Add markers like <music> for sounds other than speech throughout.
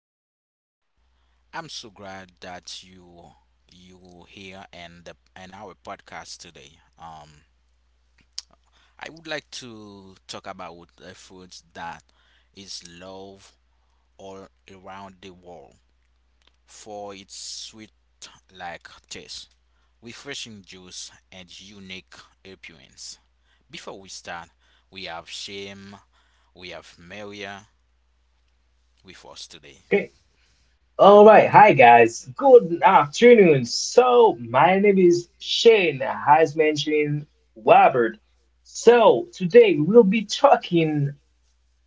name is Warren. I'm so glad that you here and our podcast today. I would like to talk about a food that is loved all around the world for its sweet like taste, refreshing juice, and unique appearance. Before we start, we have Shame, we have Maria with us today. Okay. All right. Hi, guys. Good afternoon. So, my name is Shane, as mentioned, Robert. So, today we'll be talking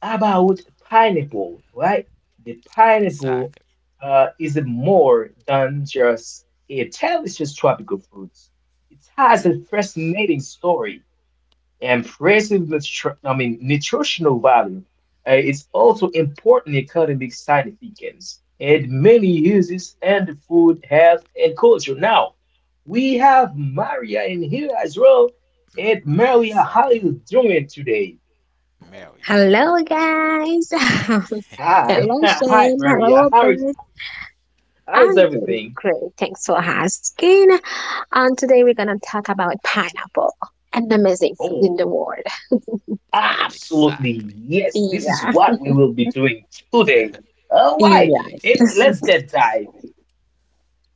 about pineapple, right? The pineapple Exactly. Is more than just a delicious tropical fruit. It has Hmm? a fascinating story. Impressive, nutritional value is also important economic significance and many uses in food, health, and culture. Now, we have Maria in here as well. And Yeah, Maria, how are exactly. you doing today? Mary. Hello, guys. <laughs> Hi, Hello, <laughs> hi, Shane. Maria. Hello, How is Bert. how is I'm doing everything? great. Thanks for asking. And today we're gonna talk about pineapple, an amazing food in Oh, the world. absolutely Exactly. yes. This is Yeah, what we will be doing today. All right, yeah, Yes. and let's get diving.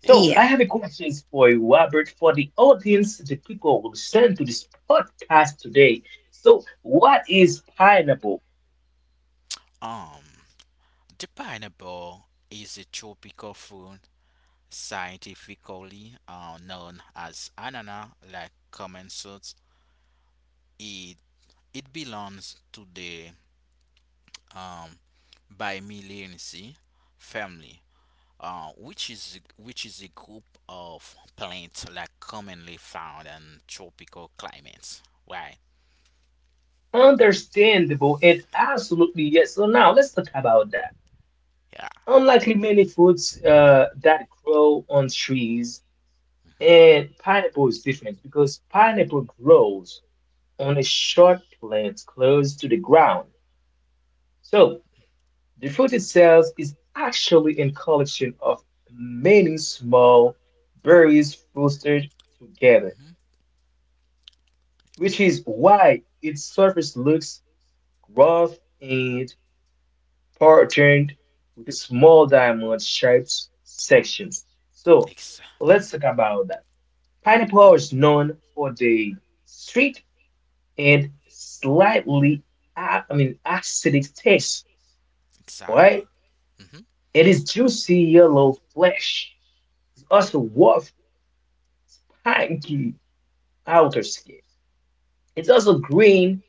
So yeah. I have a question for you, Robert, for the audience, the people who listen to this podcast today. So what is pineapple? Um, the pineapple is a tropical fruit scientifically known as anana, like common salt. It it belongs to the um Bimillinaceae family, which is a group of plants like commonly found in tropical climates. Right. Understandable and absolutely yes. So now let's talk about that. Yeah. Unlike many fruits that grow on trees, Hmm. and pineapple is different because pineapple grows on a short plant close to the ground. So the fruit itself is actually a collection of many small berries clustered together, which is why its surface looks rough and patterned with small diamond-shaped sections. So Ex- let's talk about that. Pineapple mhm. is known for the sweet and slightly, acidic taste, Exactly. right? Hmm. It is juicy yellow flesh. It's also worth saggy outer skin. It's also green,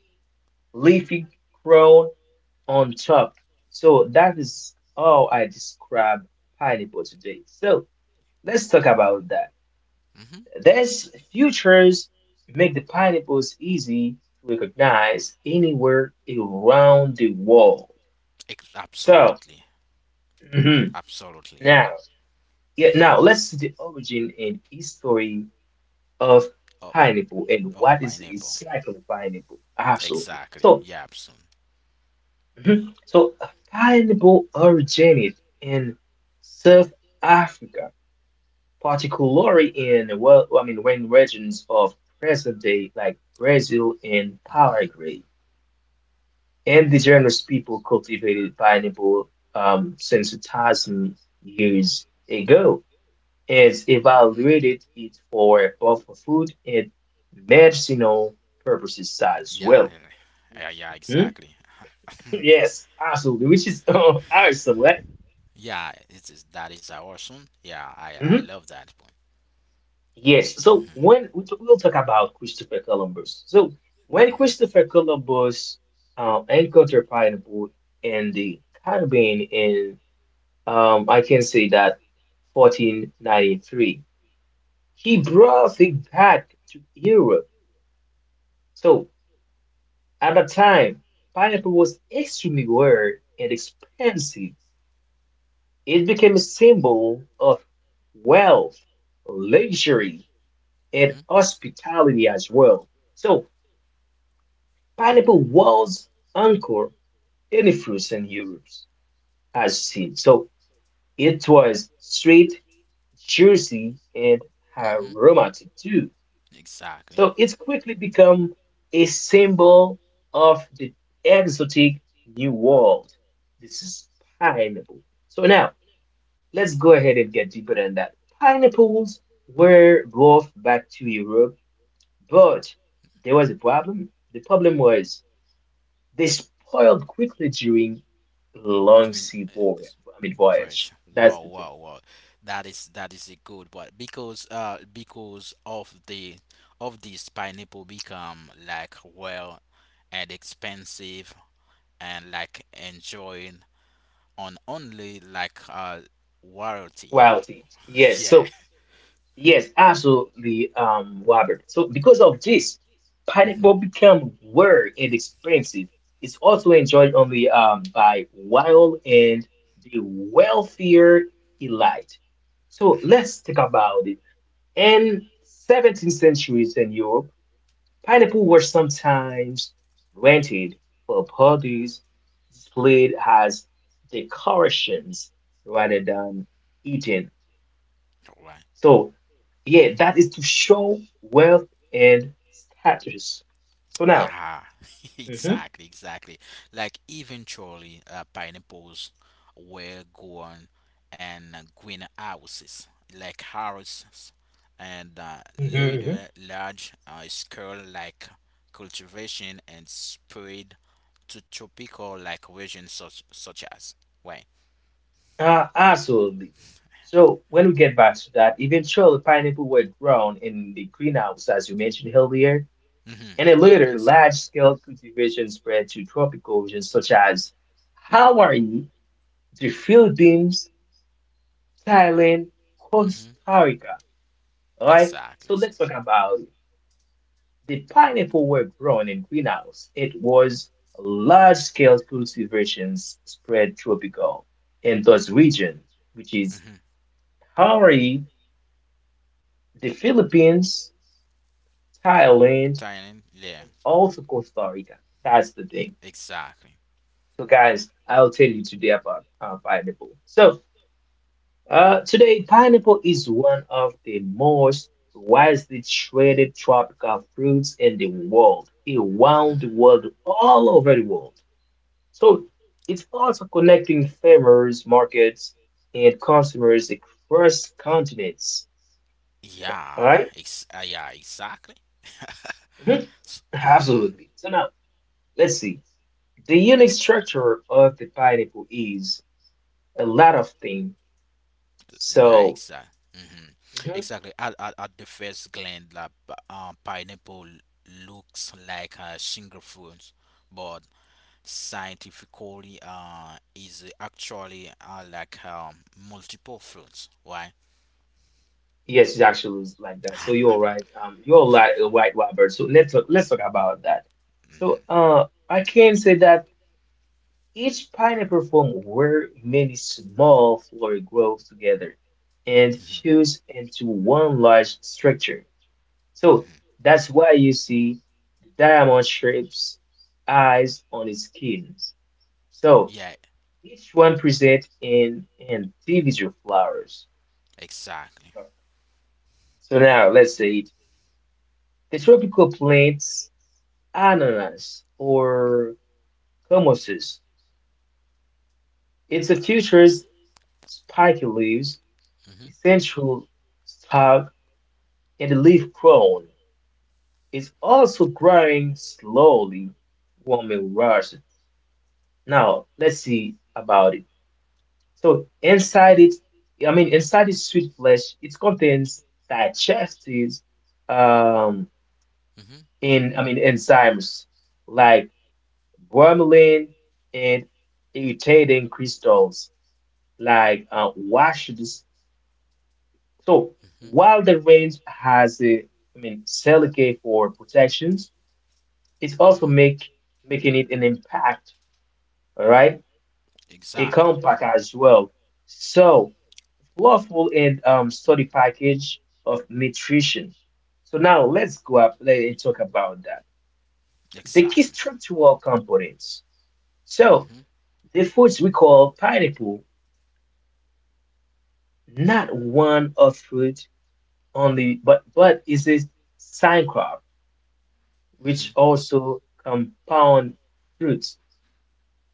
leafy crown on top. So that is how I describe pineapple today. So let's talk about that. These features make the pineapples easy to recognize anywhere around the world. So Absolutely, mhm, absolutely. now, yeah, now Hmm. let's see the origin and history of Of pineapple and of what is pineapple. exactly pineapple. Absolutely. Exactly. So Yeah, absolutely. Mhm. So pineapple originated in South Africa, particularly in, well, I mean, when regions of present day like Brazil and Hmm. Paraguay, indigenous people cultivated pineapple since 2,000 years ago and Hmm. evaluated it for both food and medicinal purposes as Yeah, well. yeah, yeah, Which, yeah, Mhm. exactly. <laughs> Yes, absolutely, which is <laughs> awesome, right? Yeah, it is. That is awesome. Yeah, I love that point. Yes, so when we'll talk about Christopher Columbus. So when Christopher Columbus encountered pineapple in the Caribbean in, I can say that, 1493, he Hmm. brought it back to Europe. So at that time, pineapple was extremely rare and expensive. It became a symbol of wealth, luxury, and Hmm. hospitality as well. So pineapple was anchored in frozen Europe as seed, so it was sweet, juicy, and Hmm. aromatic too. Exactly. So it quickly became a symbol of the exotic New World. This is pineapple. So now let's go ahead and get deeper than that. Pineapples were brought back to Europe, but there was a problem. The problem was, they spoiled quickly during a long Doing sea voyage. s- That's wow, the thing. wow, wow. That is a good one because of the of this pineapple become like well and expensive and like enjoying on only like royalty. Quality. <laughs> Yes. Yeah. So yes, absolutely, Robert. So because of this, Mhm. pineapple become rare and expensive. It's also enjoyed only by wild and the wealthier elite. So let's talk about it. In 17th centuries in Europe, pineapple were sometimes rented for parties, displayed as decorations rather than eaten. Right. So, yeah, that is to show wealth and status. So now, Yeah. <laughs> mhm, Exactly, exactly. Like eventually pineapples were grown in greenhouses, like houses and mhm, mhm. later large scale like cultivation and spread to tropical like regions such as. Why? Absolutely. So when we get back to that, eventually pineapple were grown in the greenhouse, as you mentioned earlier, Hmm. and then Yeah, later exactly. large-scale cultivation spread to tropical regions such as Hawaii, the Philippines, Thailand, Mm-hmm. Costa Rica. All right. So Exactly. let's talk about the pineapple were grown in greenhouse. It was large scale cultivations spread tropical in those region, which is Mm-hmm. Hawaii, the Philippines, Thailand, Thailand. Yeah. and also Costa Rica. That's the thing. Exactly. So guys, I'll tell you today about pineapple. So today, pineapple is one of the most widely traded tropical fruits in the world, around the world, all over the world. So it's also connecting farmers, markets, and consumers across continents. All Yeah. right? Yeah. Exactly. Mhm. Mm-hmm. Absolutely. So now, let's see. The unique structure of the pineapple is a lot of things. Yeah. So, Exactly. Mm-hmm. mhm. Exactly. At the first glance, like, pineapple looks like a single fruit, but scientifically, is actually like multiple fruits. Why? Yes, it actually was like that. So you're right. <laughs> You're like a right, Robert. So let's talk about that. So I can say that each pineapple form where many small flower grows together and fuse into one large structure. So that's why you see the diamond shapes eyes on its skins. So Yeah. each one presents an individual flowers. Exactly. So now let's say the tropical plants. Ananas or hummuses. It's the future's spiky leaves, Mm-hmm. essential stalk, and leaf crown. It's also growing slowly, warming rush. It. Now let's see about it. So inside it, I mean inside this sweet flesh, it contains digestive um in I mean enzymes like bromelain and irritating crystals, like washes. So Mm-hmm. while the range has Seligay for protections, it's also Mm-hmm. Mm-hmm. make making it an impact, all right? A Exactly. compact as well. So flufful and study package of nutrition. So now let's go up let and talk about that. The key Exactly. structural components. So Mm-hmm. the foods we call pineapple, not one of fruit only, but is a sign crop which also compound fruits.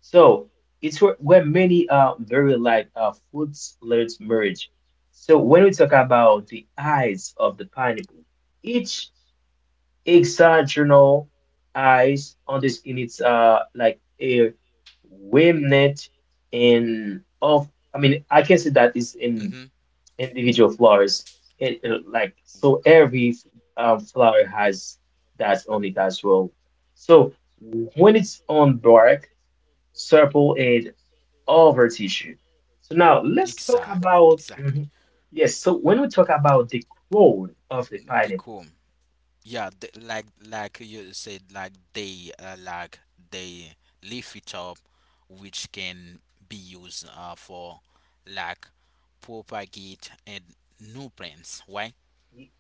So it's where many are very like fruits let's merge. So when we talk about the eyes of the pineapple, each hexagonal eyes on the skin, it's like a remnant in of, I mean, I can say that, is in Mm-hmm. Hmm. individual flowers. It like so every flower has that's only that role. So when it's on bark, sepal and over tissue. So now let's talk Exactly, about exactly. mhm. Yes. So when we talk about the crown of the They pineapple, come. Yeah, they, like you said, like they lift it up, which can be used for like propagate and new plants. Why?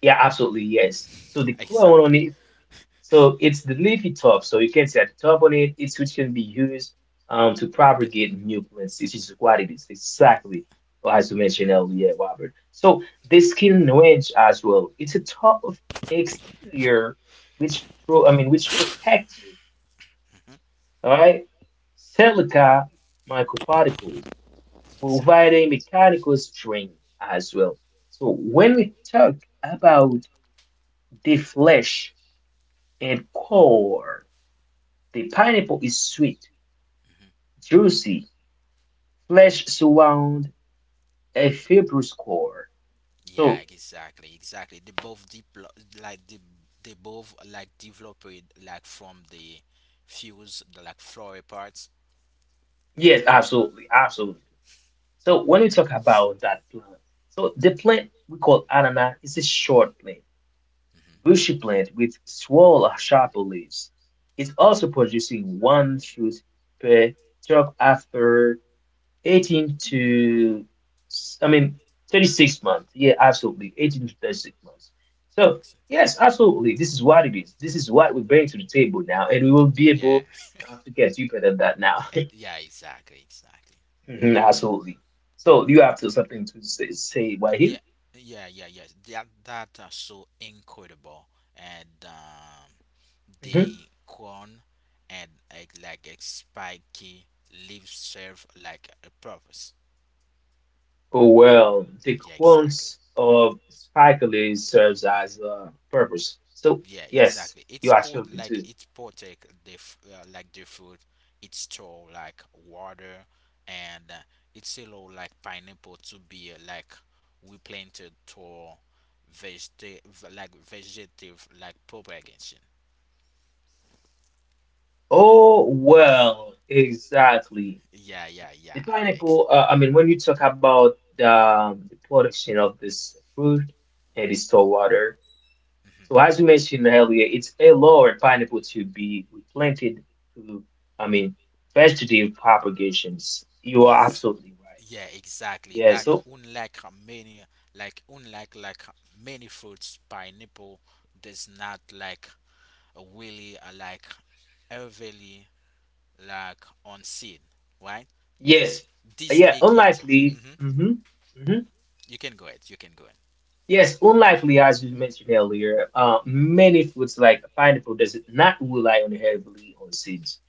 yeah, absolutely yes. So the Exactly. crown. So it's the leafy top. So you can see at the top on it, it's which can be used to The propagate new plants. This is what it is exactly, well, as you mentioned earlier, Robert. So the skin wedge as well. It's a top of exterior which pro, I mean which protects it. All right, silica microparticles providing exactly. mechanical strength as well. So when we talk about the flesh and core. The pineapple is sweet, juicy, flesh surround, a fibrous core. So Yeah, exactly, exactly. They both like they both like develop it like from the fuse, the like flower parts. yes, absolutely, absolutely. So when we talk about that plant, so the plant we call anana is a short plant, bushy plant with small or sharp leaves. It's also producing one fruit per truck after 18 to, I mean, 36 months. Yeah, absolutely. 18 to 36 months. So, Ex- yes, absolutely. This is what it is. This is what we bring to the table now, and we will be Yeah. able to get deeper than that now. <laughs> Yeah, exactly, exactly. Mhm. Absolutely. So, do you have to something to say right here? Yeah, yeah, yeah, yes. That that are so incredible, and hmm the corn and like a spiky leaves serve like a purpose. Oh, well, the Yeah, quant exactly. of Spikelet serves as a purpose. So, Yeah, yes, exactly. you It's are put absolutely like do. it's protect the like the food. It store like water, and it's allow like pineapple to be like replanted to like vegetative like propagation. Oh, well, exactly. Yeah, yeah, The yeah. Ex- pineapple, when you talk about hmm. The production of this fruit and the store water, so as we mentioned earlier, it's allowed pineapple to be replanted to, I mean, vegetative propagations. You are It's absolutely right. yeah, exactly. Yeah, Like so unlike many like many fruits, pineapple does not like really like heavily like unseen, right? yes, This yeah, make it. unlikely. Hmm. Hmm You can go ahead. You can go ahead. Yes, unlikely, as you mentioned earlier, many fruits like pineapple does not rely on heavily on seeds.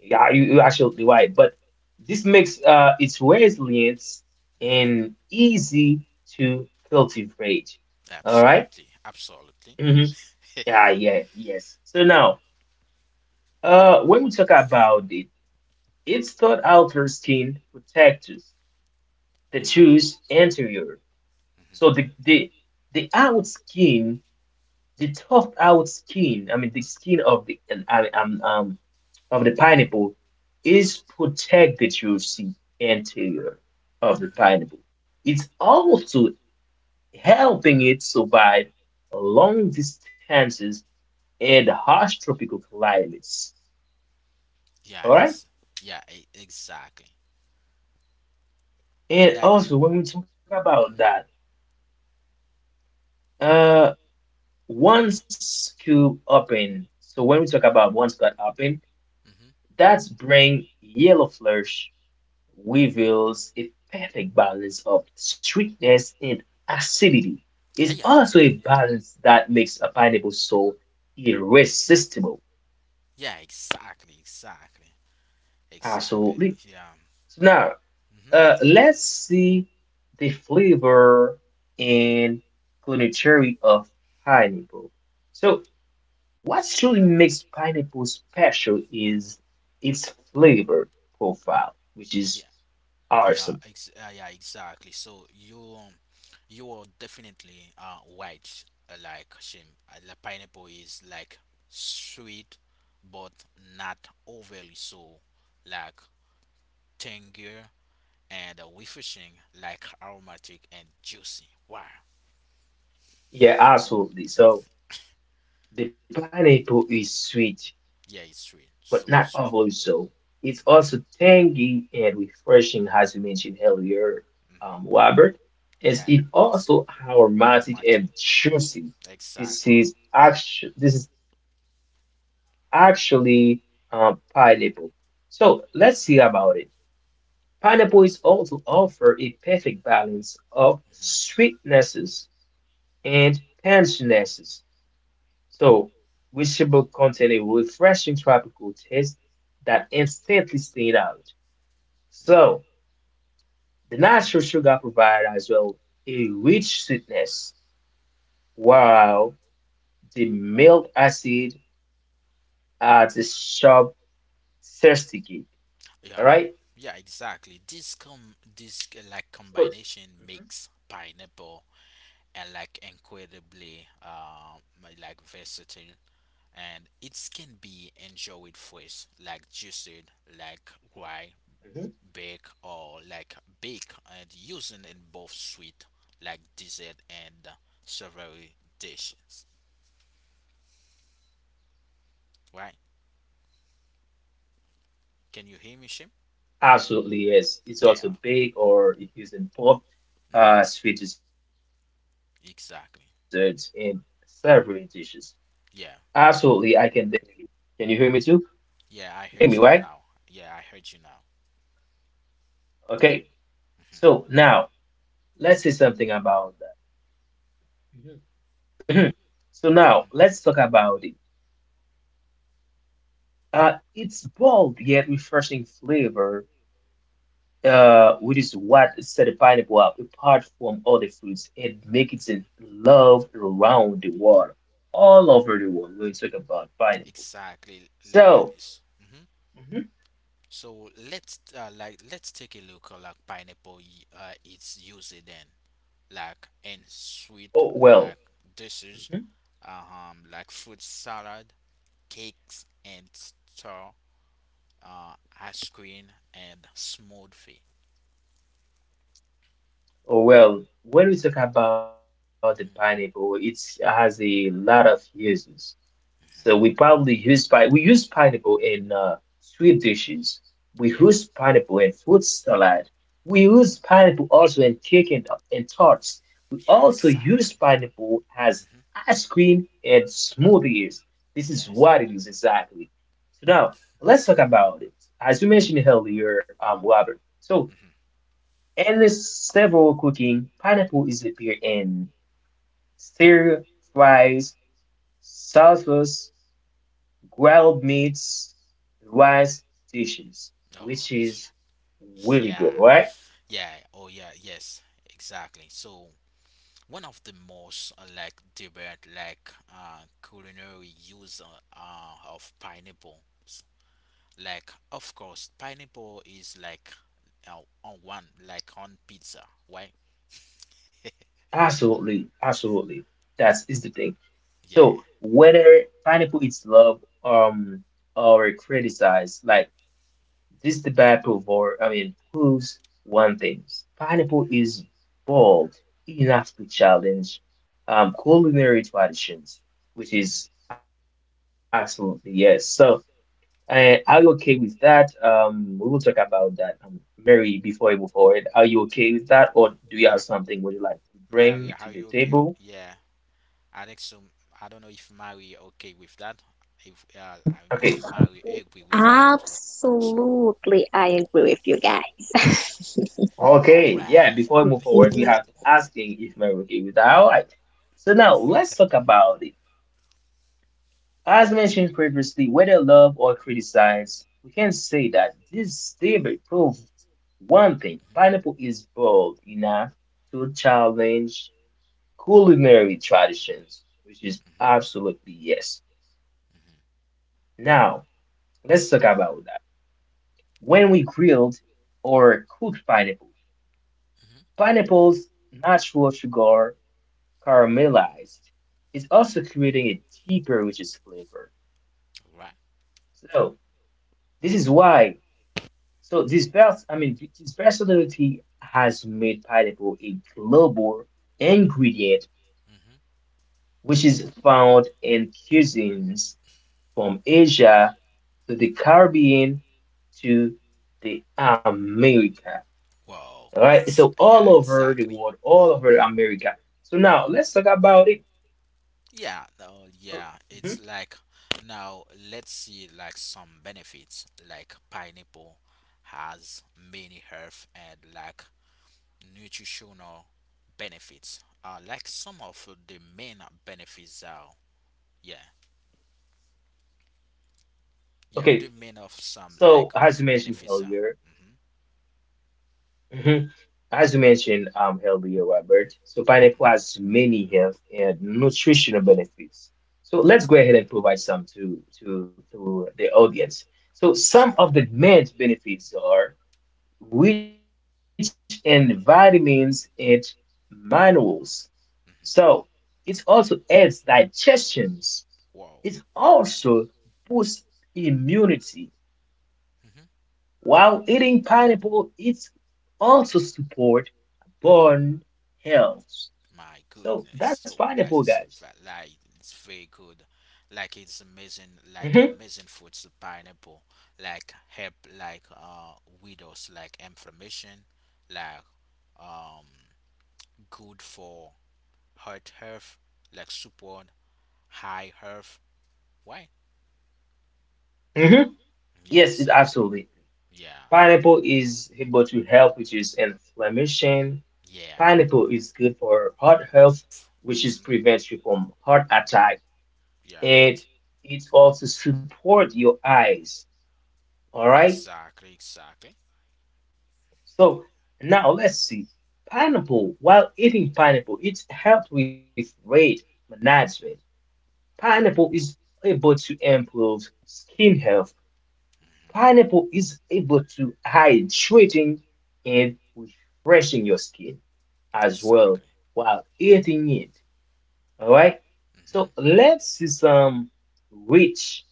Yeah, you're absolutely right. But this makes its resilience Hmm. and easy to cultivate. All right? Absolutely, absolutely. Mhm. <laughs> Yeah, yeah, yes. So now, when we talk about it, it's thought outer skin protectors, the tooth anterior. So the out skin, the tough out skin. I mean, the skin um, um, of the pineapple is protected, you see, interior of the Hmm. pineapple. It's also helping it survive long distances and harsh tropical climates. All Yeah, right. ex. Yeah, exactly. And Like. also when we talk about Hmm. that, Hmm. uh, once cube open. So when we talk about once cut open, Hmm. that's bring yellow flesh reveals a perfect balance of sweetness and acidity. It's Yeah, also a balance that makes a pineapple so irresistible. yeah, exactly, exactly, exactly. Absolutely. Yeah. So now, Hmm. Let's see the flavor and culinary of pineapple. So, what truly makes pineapple special is its flavor profile, which Yeah. is Yeah, awesome. Yeah, exactly. So you are definitely white like Shim. The pineapple is like sweet but not overly so, like tangier and refreshing, like aromatic and juicy. Wow. Yeah, absolutely. So, the pineapple is sweet, Yeah, it's sweet. but So not sweet. overly so. It's also Hmm. tangy and refreshing, as you mentioned earlier, Hmm. Robert. As Yeah, it it's also aromatic aromatic. and juicy. This Exactly. is actually this is actually pineapple. So let's see about it. Pineapple is also offer a perfect balance of sweetnesses and tanginesses. So, which contain a refreshing tropical taste that instantly stand out. So, Mm-hmm. the natural sugar provide as well a rich sweetness, while the milk acid adds a sharp, thirsty kick. Yeah, All yeah, right? exactly. This com this like So, combination makes Mhm, pineapple and like incredibly like versatile and it can be enjoyed fresh, like juiced, like dry, mhm. baked or like baked and using in both sweet like dessert and savory dishes. Right? Can you hear me, Shim? Absolutely, yes. Yeah, It's okay. also baked or used in Hmm. both sweet desserts Exactly. in savory dishes. Yeah. Absolutely, I can definitely hear you. Can you hear me too? Yeah, I heard you now. You can hear me, Yeah, I right? heard you now. Okay. Mm-hmm. So now let's say something about that. Mhm. Mhm. So now let's talk about it. So we can say that uh, it's bold yet refreshing flavor, which is what set the pineapple up apart from other fruits and make it loved around the world, all over the world. We'll talk Exactly, about pineapple. lies. Hmm. So, mhm. So let's like let's take a look at like pineapple. It's used then like in sweet Oh, like well. dishes, like fruit salad, cakes, and store, uh, ice cream and smoothie. Oh, well, when we talk about the pineapple, it has a lot of uses. So we probably use pineapple in sweet dishes. We use Yeah, pineapple in fruit salad. We use pineapple also in cake and tarts. We yeah, also use exactly. pineapple as Hmm. ice cream and smoothies. This is Yes. what it is exactly. So now let's talk about it. As you mentioned earlier, Robert. So Hmm. in several cooking, pineapple is appeared in stir fries, salsas, grilled meats, rice dishes, Oh which is yeah, really yeah, good, right? yeah. Oh yeah, yes, exactly. So one of the most like debate like culinary use of pineapple. Like of course pineapple is like on one like on pizza, right? Absolutely, absolutely. That is the thing. Yeah. So whether pineapple is loved or criticized, like this debate I mean, proves one thing. Pineapple is bold enough to challenge culinary traditions, which is Hmm. absolutely yes. So, are you okay with that? We will talk about that, Mary, before we move forward. Are you okay with that, or do you have Yeah. something would you like to bring Maria, to how the you okay? table? Yeah. I think so. I don't know if Mary okay with that. If if Okay. Mary agree with that also. Absolutely, I agree with you guys. All <laughs> Okay, right. All yeah, before we right. move forward, we Mhm. have to asking if Mary okay with that. All right. So now let's talk about it. As mentioned previously, whether loved or criticized, we can say that this debate proves one thing, pineapple is bold enough to challenge culinary traditions, which is Mm-hmm. absolutely yes. Mm-hmm. Now, let's talk about that. When we grilled or cooked pineapple, Mm-hmm. pineapple's natural sugar caramelized is also creating a deeper, richest flavor. Right. So, this is why So this I mean, this personality has made pineapple a global ingredient, Mm-hmm. which is found in cuisines from Asia to the Caribbean to the America. Wow. All right, It's so yeah, all over exactly. the world, all over America. So Mm-hmm. now let's talk about it. Yeah, oh yeah, it's So, like mhm. now let's see like some benefits like pineapple has many health and like nutritional benefits. Like some of the main benefits are yeah, yeah, Okay, the main of some so like as of you mentioned benefits are. earlier, Hmm. <laughs> as you mentioned, healthier Robert. So pineapple has many health and nutritional Yep, benefits. So let's go ahead and provide some to the audience. exactly. So some of the main benefits are rich in vitamins and minerals. Mm-hmm. So it also aids digestions. Wow. It also boosts immunity. Mm-hmm. While eating pineapple, it also support bone health. My goodness. So So that's that is pineapple, guys. Like it's very good. Like it's amazing like Hmm. amazing fruits pineapple like help like widows like inflammation like um good for heart health like support high health why Hmm. yeah Yes, it exactly absolutely. yeah Pineapple is able to help, which is inflammation. yeah Pineapple is good for heart health, which is hmm prevents you from heart attack. yeah And it also support your eyes. All right. exactly exactly So mm, now let's see. Pineapple, while eating pineapple, it helps with weight management. Pineapple is able to improve skin health. Pineapple is able to hydrating and refreshing your skin as well exactly while eating it. All right. mm-hmm So let's see some rich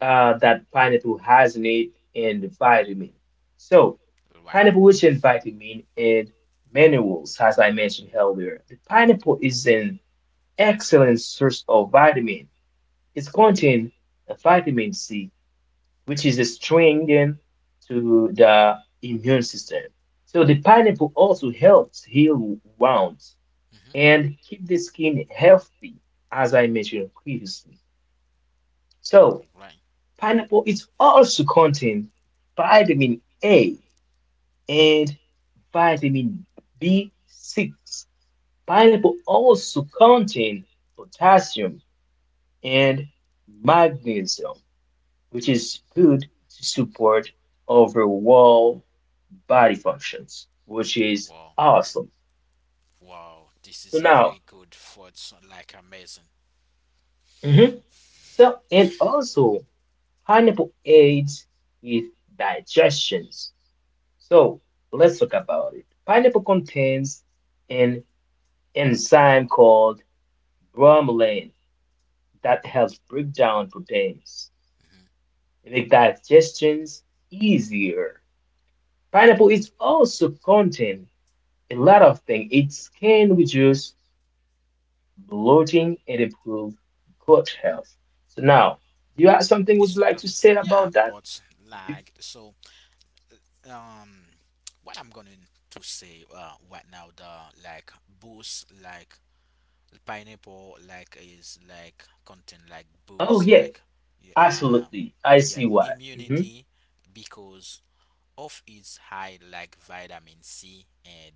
that pineapple has in it and vitamin. So right pineapple rich in vitamin and minerals, as I mentioned earlier. The pineapple is an excellent source of vitamin. It's contain vitamin C, which is a strengthen to the immune system. So the pineapple also helps heal wounds and keep the skin healthy, as I mentioned previously. So mm-hmm pineapple is also contain vitamin A and vitamin B6. Pineapple also contain potassium and magnesium, which is good to support overall body functions, which is right. awesome. Wow, this So is a now, very good thought. So, like amazing. mhm. So and also pineapple aids with digestions. So let's talk about it. Pineapple contains an enzyme called bromelain that helps break down proteins Mhm. and make digestions easier. Pineapple is also contain a lot of things. It can reduce bloating and improve gut health. So now, do you have something would you like to It's like say that- about that? yeah, but like so um, what I'm going to say right now the like boost like pineapple like is like content like Oh boost yeah, like yeah, absolutely. I yeah see why. Hmm. immunity because of its high like vitamin C and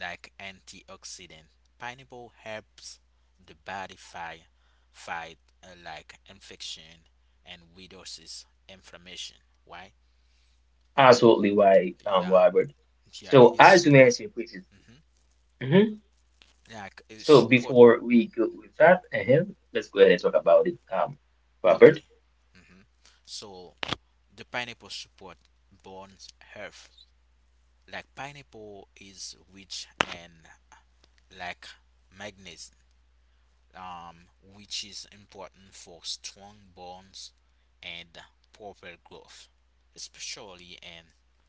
like antioxidant. Pineapple helps the body fight like infection and reduces inflammation. Why? Absolutely why, Yeah, Robert. yeah, So it as you support. mentioned, which is Mhm. mhm. Like it So support. before we go with that, let's go ahead and talk about it, Okay. Robert. Hmm. So the pineapple support bone health. Like pineapple is rich and like magnesium um, which is important for strong bones and proper growth, especially in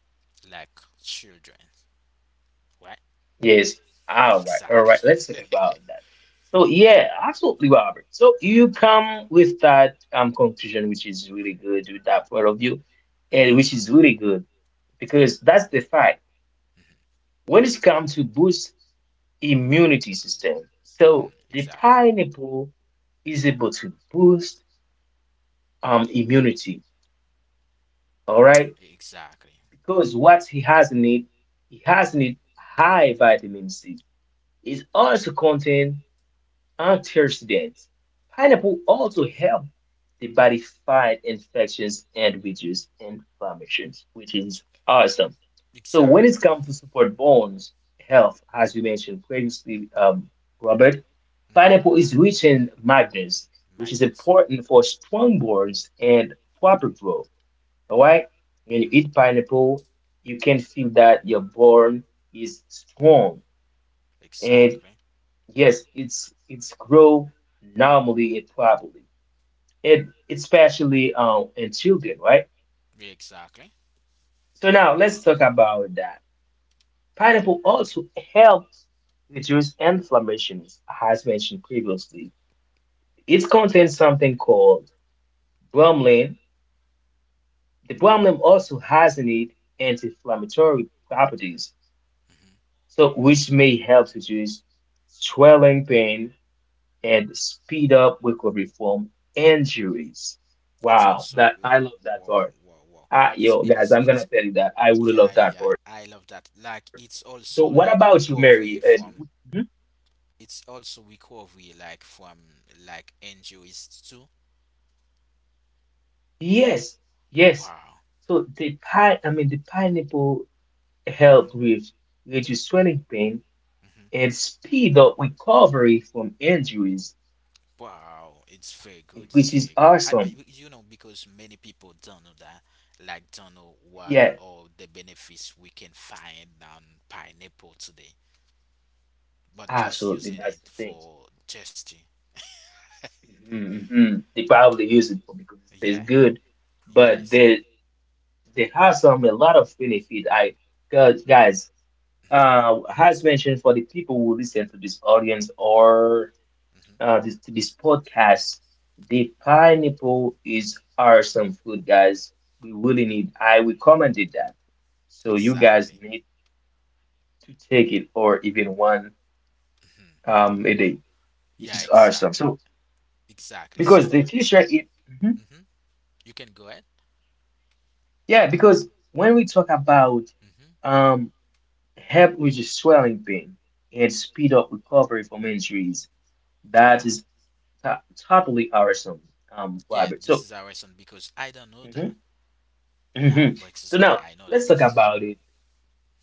like children, right? <laughs> Yes. All right. All right. Exactly. Let's talk about <laughs> that. So yeah, absolutely, Robert. So you come with that conclusion, which is really good with that point of view, and which is really Hmm. good because that's the fact. When it's come to boost immunity system, so Hmm. the Exactly. pineapple is able to boost immunity. All right, Exactly. because what he has in it, he has in it high vitamin C. It also contain antioxidants. Pineapple also helps the body fight infections and reduce inflammations, which is awesome. So when it Exactly. comes to support bones health, as we mentioned previously, Robert, pineapple Hmm. is rich in magnesium, which is Magnets. important for strong bones and proper growth. All right, when you eat Hmm. pineapple, you can feel that your bone is strong and Exactly. yes, it's grow normally and properly, and especially in children, right? Exactly. So now let's talk about that. Pineapple also helps reduce inflammations, as mentioned previously. It contains something called bromelain. The bromelain also has in it anti-inflammatory properties, so which may help reduce swelling pain and speed up recovery from injuries. It's Wow, also that I love that whoa, part. whoa, whoa. Ah, yo, It's it guys, is I'm gonna it's tell you that I would love yeah, that yeah. part. I love So, that. what Like about you, it's Mary? also like recovery Mhm. from it's also recovery like from like injuries too. Yes, yes. Wow. So I mean, the pineapple help with reduce swelling pain and speed up recovery from injuries, Wow, it's very good. which It's is very good. I, but awesome. you know, because many people don't know that, like don't know what Yeah, all the benefits we can find on pineapple today, but just absolutely, using that's the it thing. for testing. Mhm, mhm. They probably use it for because it tastes Yeah, good, but yeah, it's they good. they have some a lot of benefit. Cause guys, Mm-hmm, as mentioned for the people who listen to this audience or mm-hmm. This podcast, the pineapple is awesome food, guys. We really need. I recommended that, so you guys Exactly. need to take it or even one Hmm. A day, which Yeah, is awesome. exactly, So exactly. because the So, future it. Mhm. hmm you can go ahead. Yeah, because when we talk about Mm-hmm. um, help reduce swelling pain and speed up recovery from injuries, Yeah. that is to totally awesome, Yeah, Robert. this So, is our reason because I don't know mhm, that now mhm. but <laughs> So because now I know that. let's talk about it.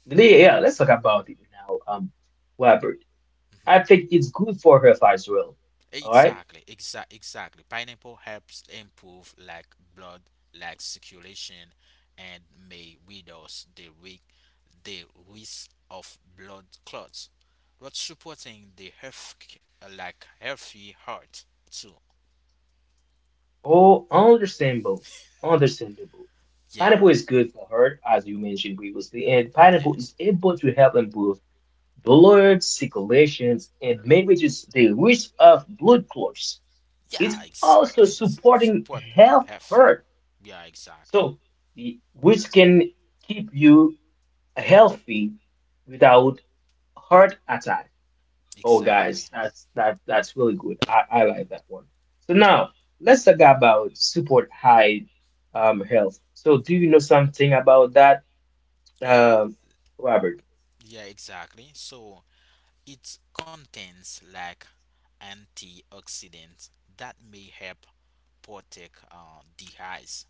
Yeah, yeah, let's talk about it now, Robert. I think it's good for health as well. All right. Exactly, exactly, exactly. Pineapple helps improve like blood like circulation and may reduce the risk of blood clots. But supporting the health like healthy heart too. Oh, understandable, understandable. Yeah, Pineapple is good for heart, as you mentioned previously, and yeah, pineapple is able to help improve blood circulations and manages the risk of blood clots. It's yeah, also exactly. Supporting Support health healthy. hurt, Yeah, exactly, so which can keep you healthy without heart attack. Oh, guys, exactly. that's that's really good. I like that one. So now let's talk about support high health. So do you know something about that, Yeah, um, Robert? yeah, exactly. So it contains like antioxidants that may help protect the eyes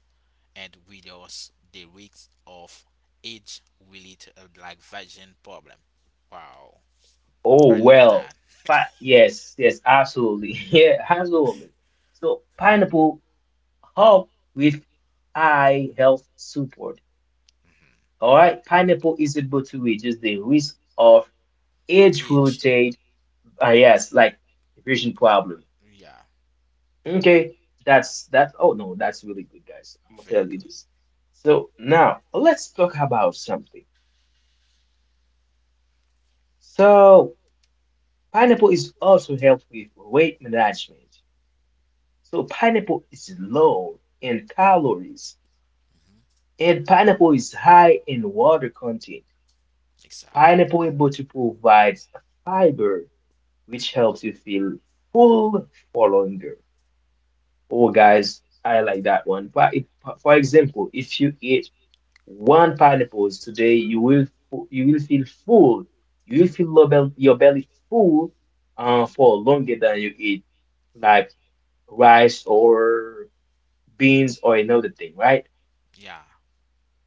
and reduce the risk of age-related like vision problem. Wow, Oh I love well, that. but yes, yes, absolutely, <laughs> yeah, absolutely. So pineapple help with eye health support. All right, pineapple is able to reduce the risk of Age, age-related yes, like vision like problem. yeah, Okay, that's that. Oh no, that's really good, guys. I'm gonna very tell you good. this. So now let's talk about something. So pineapple is also help with weight management. So pineapple is low in calories, and pineapple is high in water content. Exactly. Pineapple able to provide fiber, which helps you feel full for longer. Oh, guys, I like that one. But if- For example, if you eat one pineapple today, you will feel full. You will feel your belly full Mhm. for longer than you eat like rice or beans or another thing, right? Yeah.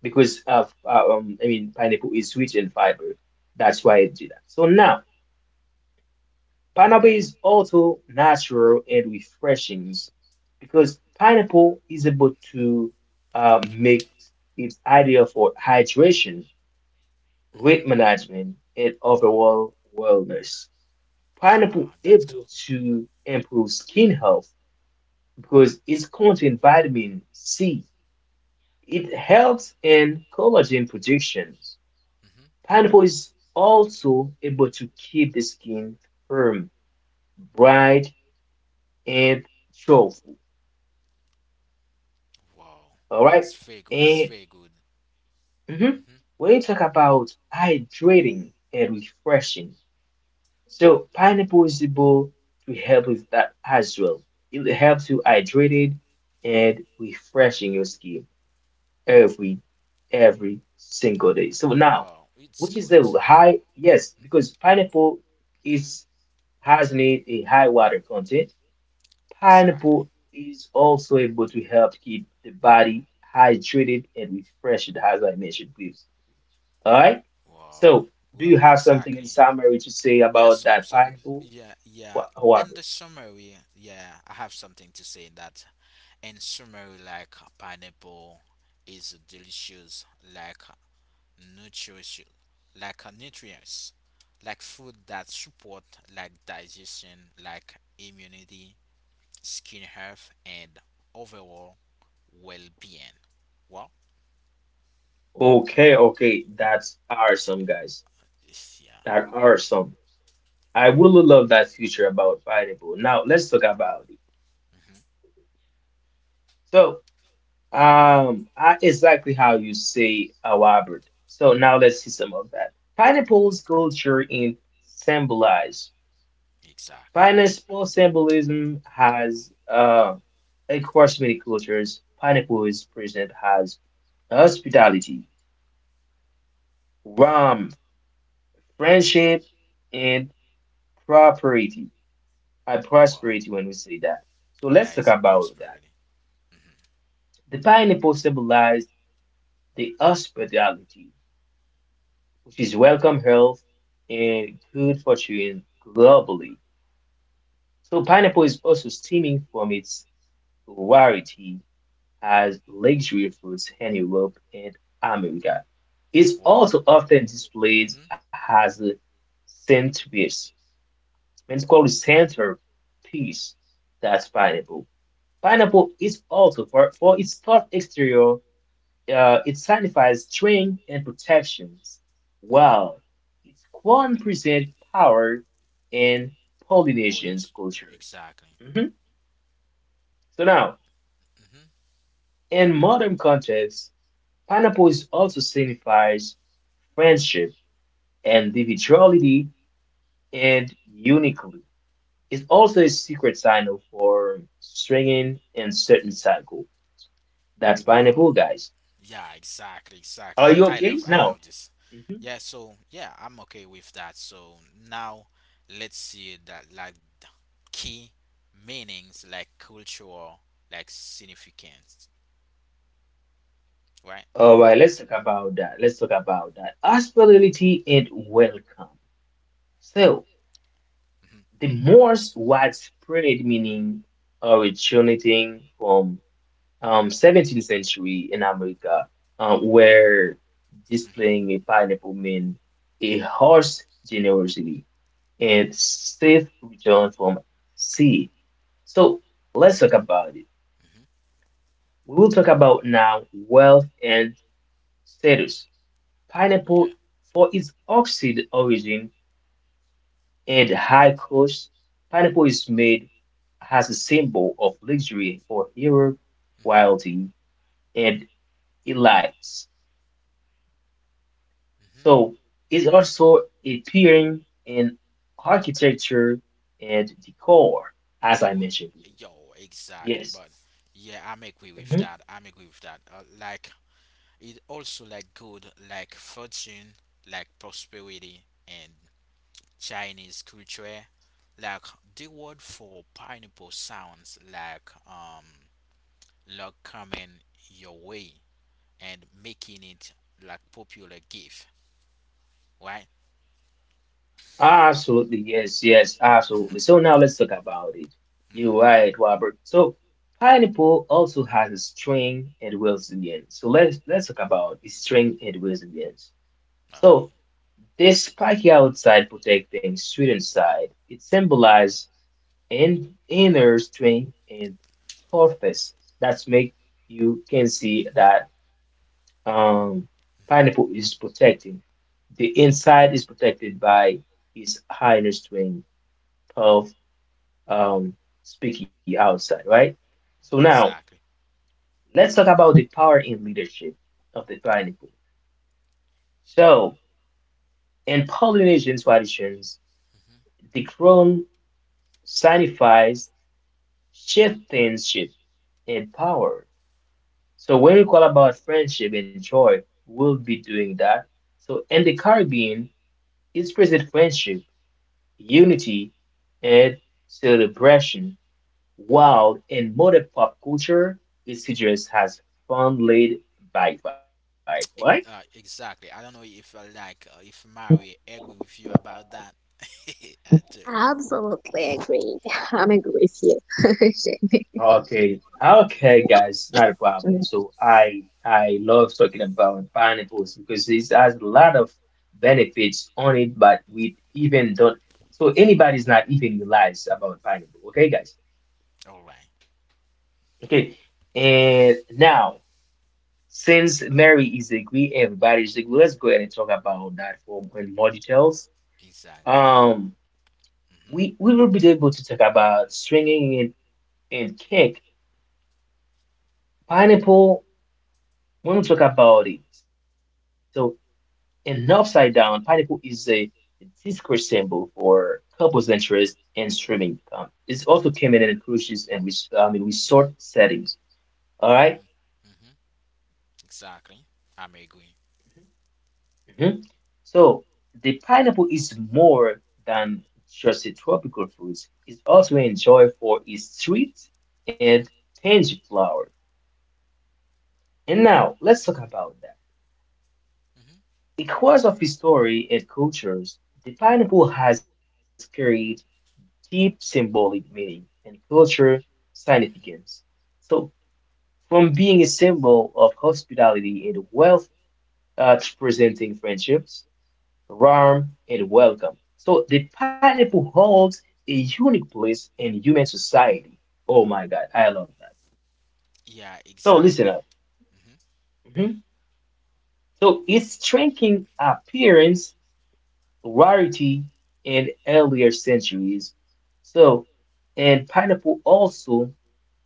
Because of I mean pineapple is rich in fiber. That's why it do that. So now pineapple is also natural and refreshing because pineapple is able to make it ideal for hydration, weight Mhm. management, and Wow. overall wellness. Pineapple Yeah, that's able good. to improve skin health because it's contain vitamin C. It helps in collagen production. Mhm. Pineapple is also able to keep the skin firm, bright, and joyful. Wow, All it's right. very good. It's And very good. mhm, Mm-hmm. when you talk about hydrating and refreshing, so pineapple is able to help with that as well. It helps you hydrated and refreshing your skin every every single day. So now, Wow, it's which is good. the high? Yes, because pineapple Mhm. is has need a high water content. Exactly. Pineapple is also able to help keep the body hydrated and refreshed, as I mentioned previously. All right. Wow. So, do Well, you have something in exactly. summary to say Yeah, about that some pineapple, yeah, yeah. And the Robert? summary, yeah, yeah, I have something to say in that. In summary, like pineapple is delicious, like nutritious, like nutrients, like food that support like digestion, like immunity, skin health, and overall well-being. Well, Okay, okay, that's awesome, guys. it's- Yeah. That awesome. I really love that feature about pineapple. Now, let's talk about it. Hmm. So, exactly how you say, Robert. So now let's see some of that. Pineapple's culture in symbolize. Exactly. Pineapple symbolism has across many cultures. Pineapple is present as hospitality, Hmm. warmth, friendship, and property. I Wow. Prosperity when we say that. So Yeah, let's talk it's a about that. prosperity. Hmm. The pineapple symbolized the hospitality, which is welcome health and good fortune globally. So pineapple is also stemming from its rarity as luxury foods in Europe and America. It's Wow. also often displayed Hmm. as a centerpiece, means called a centerpiece. That's pineapple. Pineapple is also for its tough exterior, it signifies strength and protections, Hmm. while its corn presents power in All Polynesian is cultures. exactly. Mhm. So now, Hmm. in modern context, pineapple is also signifies friendship, individuality, and uniquely. It's also a secret signal for stringing and certain cycle. That's Wow. pineapple, guys. Yeah, exactly, exactly. Are you okay I now? love this. Mhm. Yeah, so yeah, I'm okay with that. So now let's see that like the key meanings like cultural like significance, right? All right, let's talk about that. Let's talk about that. Hospitality and welcome. So, Hmm. the most widespread meaning originating from 17th century in America, where Hmm. displaying a pineapple meant a horse generosity and safe return from sea. So let's talk about it. Hmm. We will talk about now wealth and status. Pineapple, Yeah. for its oxide origin and high cost, pineapple is made as a symbol of luxury for Europe, Hmm. royalty, and elites. So is also appearing in architecture and decor, as I Oh, mentioned before. yo, exactly. Yes. But yeah, I'm agree with Mhm. that. I'm agree with that. Like it also like good, like fortune, like prosperity, and Chinese culture. Like the word for pineapple sounds like luck coming your way and making it like popular gift, right? Absolutely. Yes. Yes. Absolutely. So now let's talk about it. You're right, Robert. So pineapple also has a strength and resilience. So let's talk about its strength and resilience. Okay. So this spiky outside protecting sweet inside. It symbolizes in inner string and surface. That's make you can see that um, pineapple Hmm. is protected. The inside is protected by its inner string of um, speaking outside, right? So now Exactly. let's talk about the power and leadership of the pineapple. So in Polynesian traditions, Mm-hmm, the crown signifies chieftainship and power. So when we call about friendship and joy, we'll be doing that. So in the Caribbean, it's present friendship, unity, and celebration. mm-hmm. While in modern pop culture, it suggests has fun-laid vibe, right? Exactly. I don't know if if Mary agree with you about that. <laughs> I do. Absolutely agree. I'm agree with you. <laughs> Okay, okay, guys, not a Shane. problem. So I love talking about pineapples because it has a lot of benefits on it, but we even don't. So anybody's not even realize about pineapple. Okay, guys. All right. Okay, and now since Mary is agree, everybody's agree. Let's go ahead and talk about that for in more details. Exactly. Um, Mhm. we will be able to talk about swinging and kick pineapple when we talk about it. So. In the upside down, pineapple is a Discord symbol for couples' interest in streaming. It's also common in cruises and I mean resort settings. All right? Mhm. Exactly. I'm agree. Mhm. So the pineapple is more than just a tropical fruit. It's also enjoyed for its sweet and Mhm. tangy flower. And now let's talk about that. Mhm. Because of its story and cultures, the pineapple has carried deep symbolic meaning and cultural Mhm. significance. So, from being a symbol of hospitality and wealth to presenting friendships, Mhm. warmth, and welcome. So, the pineapple holds a unique place in human society. Oh my God, I love that. Yeah. So, listen Exactly. up. Mhm. Mhm. So, its striking appearance, rarity in earlier centuries. So, and pineapple also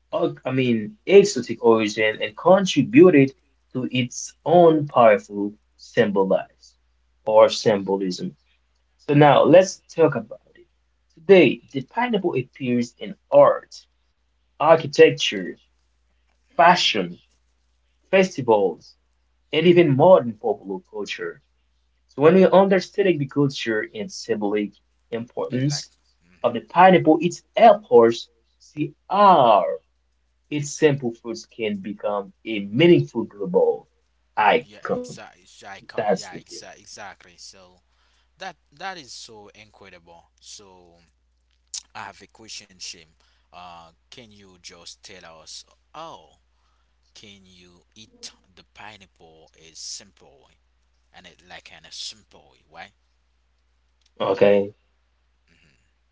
Mhm. I mean, exotic origin and contributed to its own powerful symbolize or symbolism. So now let's talk about it. Today, the pineapple appears in art, architecture, Mhm. fashion, festivals, and even modern popular culture. So when we understand the culture and symbolic And like. importance of the Mhm. pineapple, it helps us see our Its simple fruits can become a meaningful global Yeah. icon. Exactly. That's the Iconic. thing. Yeah. Exactly. So that that is so incredible. So I have a question, Shim. Can you just tell us? Oh. Can you eat the pineapple? Is simple and it like in a simple way, right? Okay. Hmm.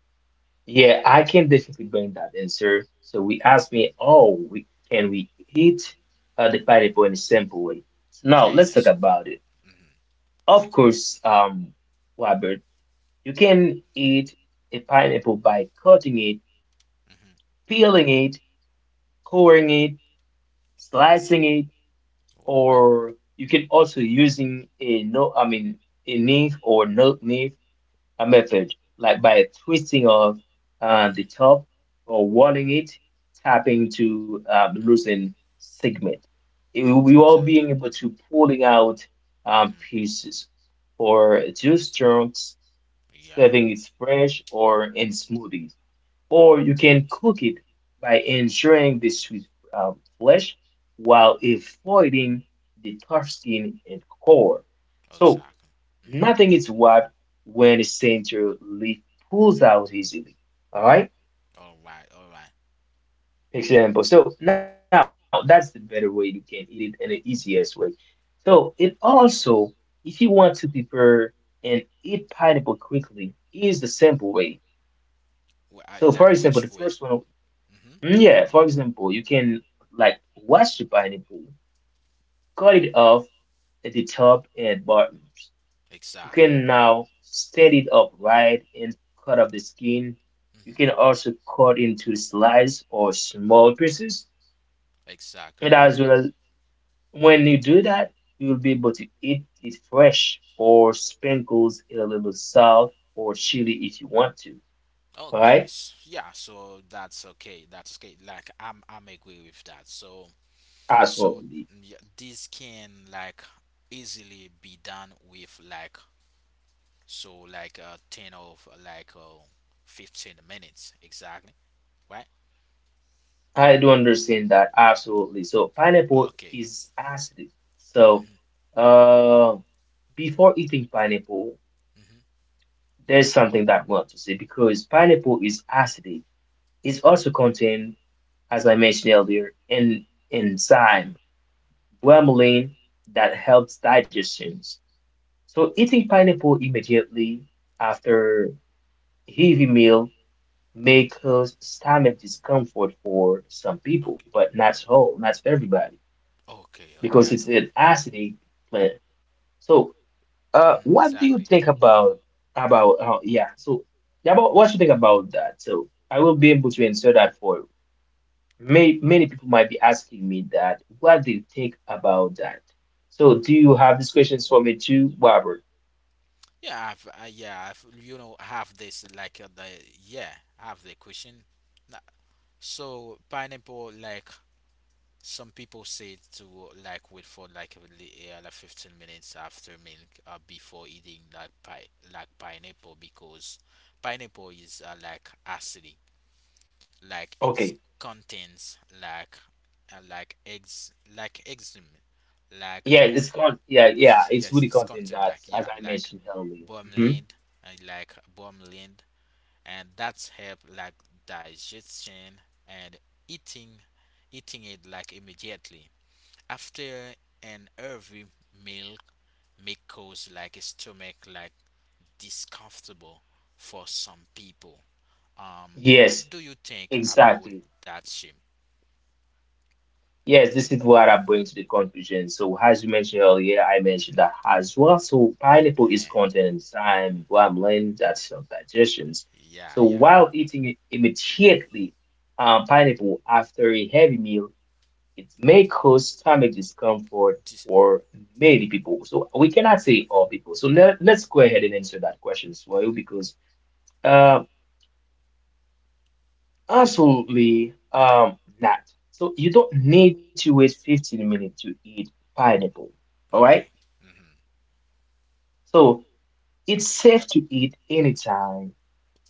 Yeah, I can definitely bring that answer. So we asked me, oh, we, can we eat the pineapple in a simple way? So now Yeah, in let's a talk simple. about it. Hmm. Of course, Robert, you can eat a pineapple by cutting it, peeling it, coring it, slicing it, Hmm. Right? or you can also using a no, I mean, a knife or no knife a method, like by twisting off the Hmm. top or walling it, tapping to loosen segment. We are Exactly. being able to pulling out Hmm. pieces or juice chunks, Yeah. serving it fresh or in smoothies. Or you can cook it by ensuring the sweet flesh while avoiding the tough skin and core. So Exactly. Hmm. nothing is wiped when the center leaf pulls out easily. All right, All right. All right. example. So now that's the better way you can eat it and the easiest way. So it also, if you want to prepare and eat pineapple quickly, is the simple way. So for Like example, the which way? first one, Hmm. mm, yeah. For example, you can like wash the pineapple, cut it off at the top and bottom. You Exactly. can now stand it up right and cut off the skin. You Hmm. can also cut into slices or small pieces. And Exactly. as well as when you do that, you'll be able to eat it fresh or sprinkles in a little salt or chili if you want to. Okay. Alright? s Yeah. So that's okay. That's okay. Like I'm. I'm agree with that. So so Absolutely. yeah, this can like easily be done with like so like 10 of like 15 minutes exactly, right? I do understand that absolutely. So pineapple Okay. is acidic. So Mhm. uh before eating pineapple, Mhm. there's something that I want to say because pineapple is acidic. It's also contain, as I mentioned earlier, an enzyme, bromelain, that helps digestions. So eating pineapple immediately after heavy meal may cause stomach discomfort for some Okay. people, but not all, not everybody, Okay. Okay. because I do. it's an acidic plant. So Mhm. what do you Exactly. think about how? Yeah, so yeah, but what you think about that? So I will be able to answer that for you. Many people might be asking me that. What do you think about that? So do you have these questions for me too, Robert? Yeah. Yeah. I've, you know have this like the yeah have the question. Na- So pineapple like some people say to like wait for like yeah, like 15 minutes after milk before eating like pineapple because pineapple is like acidic like it Okay. contains like eggs like enzyme like <laughs> It's yes really it's content content that like yeah as I mentioned earlier. Mhm. bromelain like bromelain and that's help like digestion and eating eating it like immediately after an heavy meal may cause like a stomach like discomfortable for some people. What Yes, do you think about exactly. that, Shim? Yes, this is what I bring to the conclusion. So, as you mentioned earlier, I mentioned Mhm. that as well. So, pineapple is Uh-huh. <laughs> content in thyme, bromelain, that's digestions. Yeah, So, yeah. while eating it immediately pineapple after a heavy meal, it may cause stomach discomfort Dis- for many people. So, we cannot say all people. So, let's go ahead and answer that question as well mhm. because uh, absolutely not. So you don't need to wait 15 minutes to eat pineapple. All right? Okay. Hmm. So it's safe to eat anytime,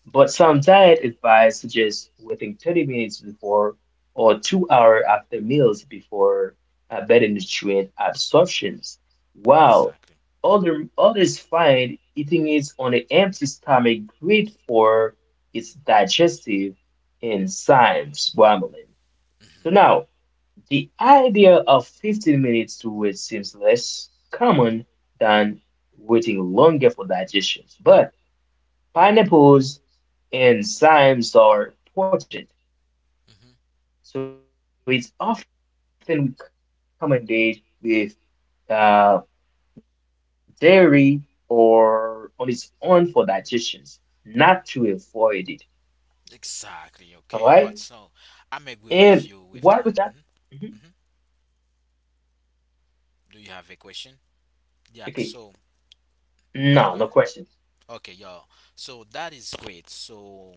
but some diet advice suggests waiting 30 minutes before or 2 hours after meals before better nutrient absorptions. While Exactly. other others find eating it on an empty stomach great for its digestive enzymes, bromelain. So now the idea of 15 minutes to wait seems less common than waiting longer for digestion, but pineapples and cymes are potent, so it's Hmm. often recommended with uh, dairy or on its own for digestions, not to avoid it. All right? And what we can say that, Exactly. Okay. But so do you I'm have agree something with to you say with that. about that? Mhm. Mhm. Do you have a Okay, question? Yeah. So no, no question. can you? Okay, yeah. So that is great. So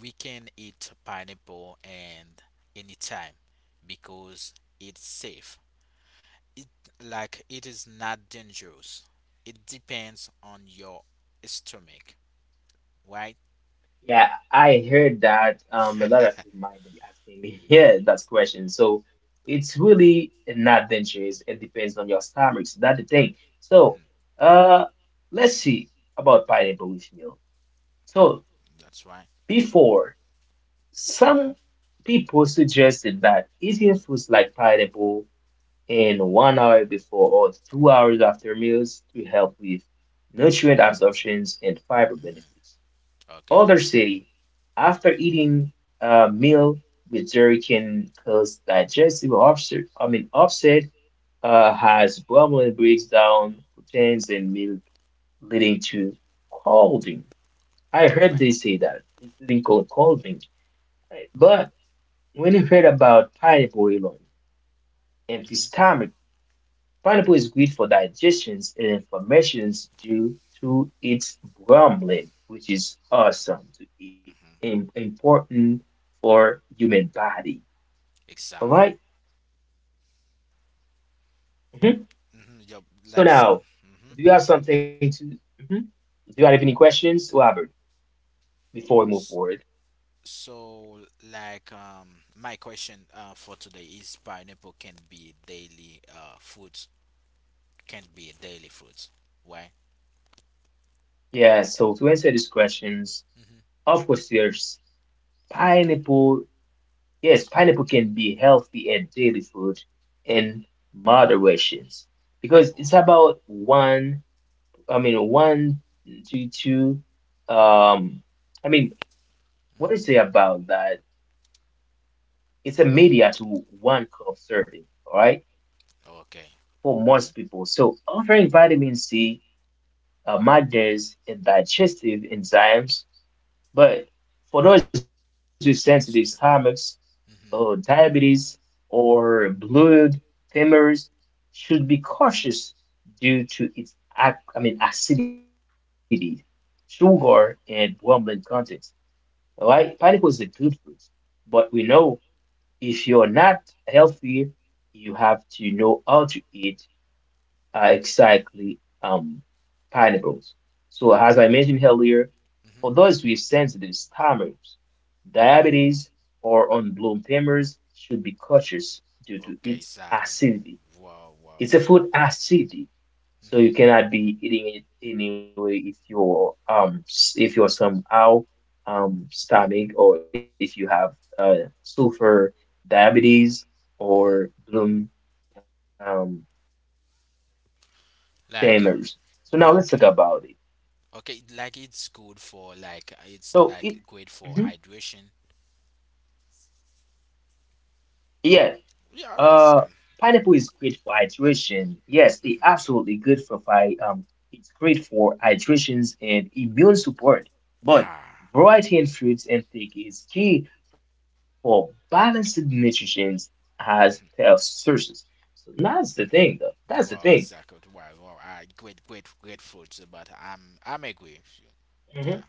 we can eat pineapple and anytime because it's safe. It like it is not dangerous. It depends on your stomach, right? Yeah, I heard that a <laughs> lot of people might be asking me <laughs> yeah, that question. So it's really not dangerous. It depends on your stomachs. That's the thing. So Hmm. uh, let's see about pineapple with milk. So That's right. before, some people suggested that eating foods like pineapple in 1 hour before or 2 hours after meals to help with nutrient absorptions and fiber benefits. Okay. Older city. After eating a meal with dairy can cause digestive upset. I mean upset has problem breaks down proteins and milk, leading to calding. I All heard right. they say that it's leading to calding. But when you heard about pineapple alone, empty Mm-hmm. stomach. Pineapple is good for digestions and inflammations due to its bromelain, which is awesome to eat Mm-hmm. and important for human body. All Exactly. right? Mhm. So Mm-hmm. Yeah, now, like some. do you have Mm-hmm. something to? Mhm. Do you have any questions, Robert, before we move forward? So, like, my question for today is pineapple can be daily fruits, can be daily fruits. Why? Yeah. So to answer these questions, Hmm. of course, there's Okay. pineapple. Yes, pineapple can be healthy and daily food in moderations because it's Wow. about one. I mean, one to two. Um, I mean, what do you say Hmm. about that? It's a media to one cup serving, all right, Okay. for Hmm. most people. So offering vitamin C, magnesium, and digestive enzymes, but for those with sensitive That's stomachs, just or hmm diabetes, or blood thinners, should be cautious due to its ac I mean acidity, sugar, and hmm. bromelain content. All right, pineapple is a good fruit, but we know if you're not healthy, you have to know how to eat exactly um, pineapples. So, Wow. as I mentioned earlier, Mm-hmm. for those with sensitive stomachs, diabetes, or unblown femurs should be cautious due Okay, to its exactly. acidity. Wow, wow, wow. It's a food acid, Mm-hmm. so you cannot be eating it anyway if you're if you're somehow stomach or if you have sulfur diabetes Mm-hmm. or bloom um tamers. So now let's talk Like, about it. okay. Okay, like it's good for, So it like, it's Mhm. like great for hydration. yeah Yeah, Uh, basically. pineapple is great for hydration. Yes, it's absolutely good for it's great for hydrations and immune support. But Yeah, variety in fruits and intake is key for balanced nutrition as health sources. So that's the thing, though. That's the thing. you are exactly right. Well, I great, great, grateful, to- but I'm agree with you. Yeah, Mhm.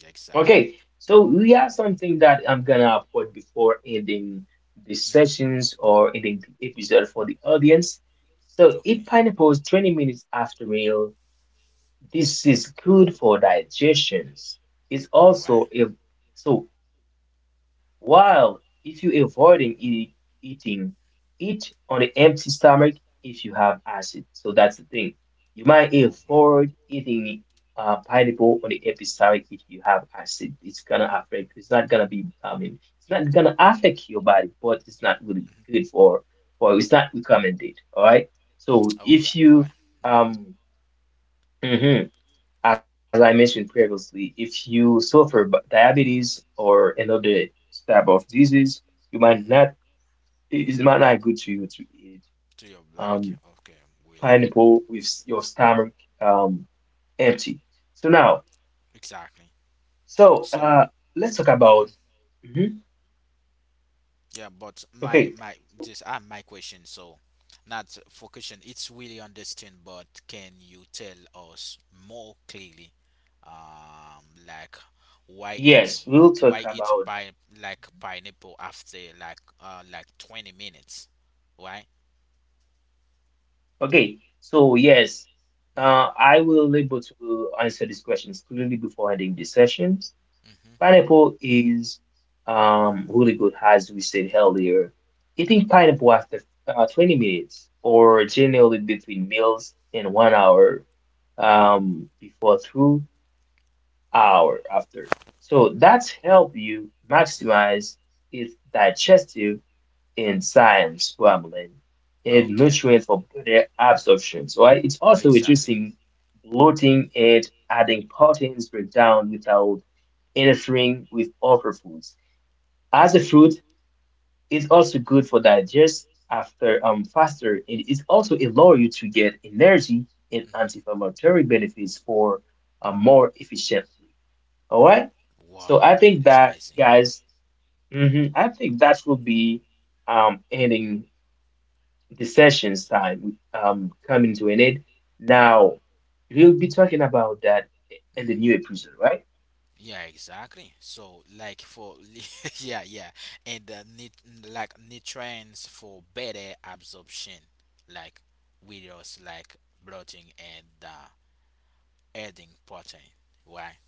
yeah, Okay, exactly. so we have something that I'm gonna put before ending the Hmm. sessions or ending the episode for the audience. Okay. So eat pineapples 20 minutes after meal. This is good for digestions. It's All right. also a so while if you are avoiding eating, eat on an empty stomach if you have acid. So that's the thing. You might All right. avoid eating pineapple on the empty stomach if you have acid. It's gonna affect. It's not gonna be. I mean, it's not gonna affect your body, but it's not really Mhm. good for for. It's not recommended. All right. All So right. All if right. you Mm-hmm. um. Mhm. As I mentioned previously, if you suffer diabetes or another type of disease, you Mm-hmm. might not, it is might not good to you to eat To your black. um, Okay, really. pineapple with your stomach um, empty. So now, Exactly. so So, let's talk hmm about, Mhm. yeah, but my, okay, my, just, I my question. So, not for question, it's really understand, but can you tell us more clearly, like why it? yes, we'll talk Why eat about that. by like Mhm. pineapple after like 20 minutes. Why? Okay, so yes, Mm-hmm. I will able to answer these questions clearly before ending this session. Mm-hmm. Pineapple is really good, as we said earlier. Uh Eating pineapple after 20 minutes hmm or okay generally between meals and 1 hour before through hour after. So that's help you maximize its digestive enzymes problem mm-hmm and okay nutrients for better absorption. So it's also exactly reducing bloating and adding proteins breakdown without interfering with other foods. As a fruit, it's also good for digest after faster. And it is also allow you to get energy and hmm. anti-inflammatory benefits for more efficiently. All right. So I Wow, think it's that amazing. guys, I think that will be ending the session's time coming to an end. Now we'll be talking about that in the Hmm. new episode, right? Yeah, exactly. So, like for <laughs> yeah, yeah, and the like nutrients for better absorption, like with us like bloating and adding protein. Why?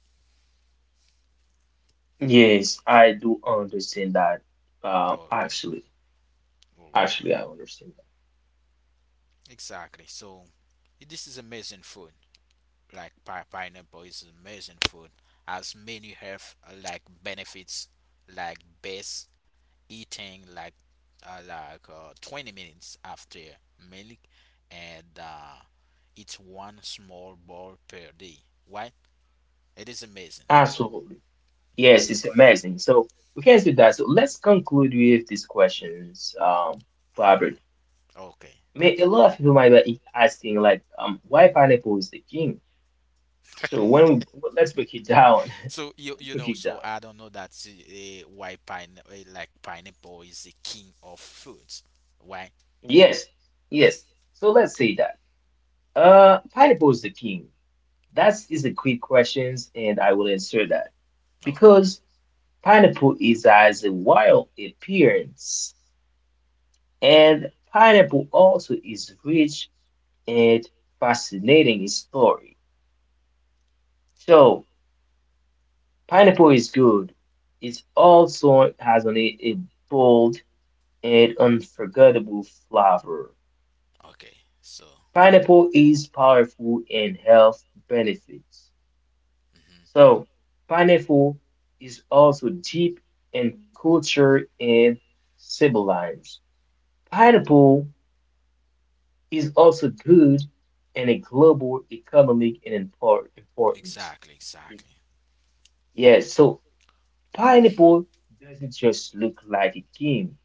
Yes, I do understand that. Uh, Okay, actually, all right. actually, I understand Exactly. So this is amazing food. Like pineapple is amazing food. As many have like benefits, like best eating like 20 minutes after milk, and it's one small ball per day. Why? It is that. amazing. Absolutely. Yes, it's amazing. So we can do that. So let's conclude with these questions, Robert. Hmm. Okay. May, a lot of people might be asking, like, why pineapple is the king? So when we well, let's break it down. So <laughs> you Let's you break know it so down. I don't know that why pine like pineapple is the king of foods. Why? Yes, yes. So let's say that. Pineapple is the king. That is a quick questions, and I will answer that Okay. because. Pineapple is as a wild appearance, and pineapple also is rich and fascinating story. So pineapple is good. It also has on it a bold and unforgettable flavor. Okay, so Pineapple is powerful in health benefits. mhm, So pineapple is also deep in culture and symbolizes. Pineapple is also good and a global economic and importance. exactly, exactly. Yeah, so pineapple doesn't just look like a king,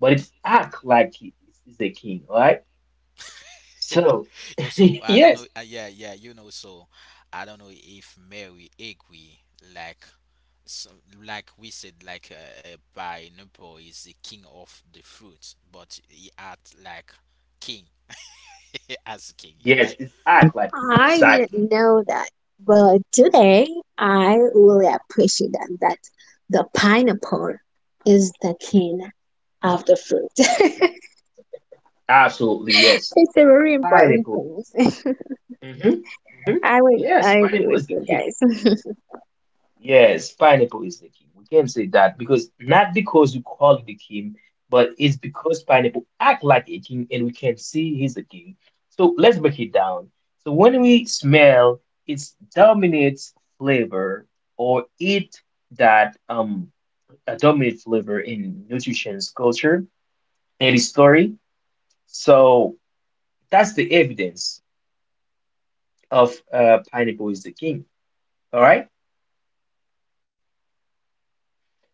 but it act like it is a king, right? So Yo, so <laughs> I don't yes, know. Yeah, yeah, you know. So I don't know if Mary agree like some, like we said like pineapple is the king of the fruits, but he act like king <laughs> as king. yes, Why? it act like I exactly, didn't know that. Well, today I really appreciate that, that the pineapple is the king of the fruit. <laughs> absolutely yes. It's a very important Pineapple, thing. <laughs> hmm hmm I would yes, I agree pineapple with is the you king. guys. Yes, pineapple is the king. We can say that because not because we call it the king, but it's because pineapple act like a king and we can see he's the king. So let's break it down. So when we smell, it's dominant flavor or eat that a dominant flavor in nutrition's culture and its story. So that's the evidence of pineapple is the king. All right.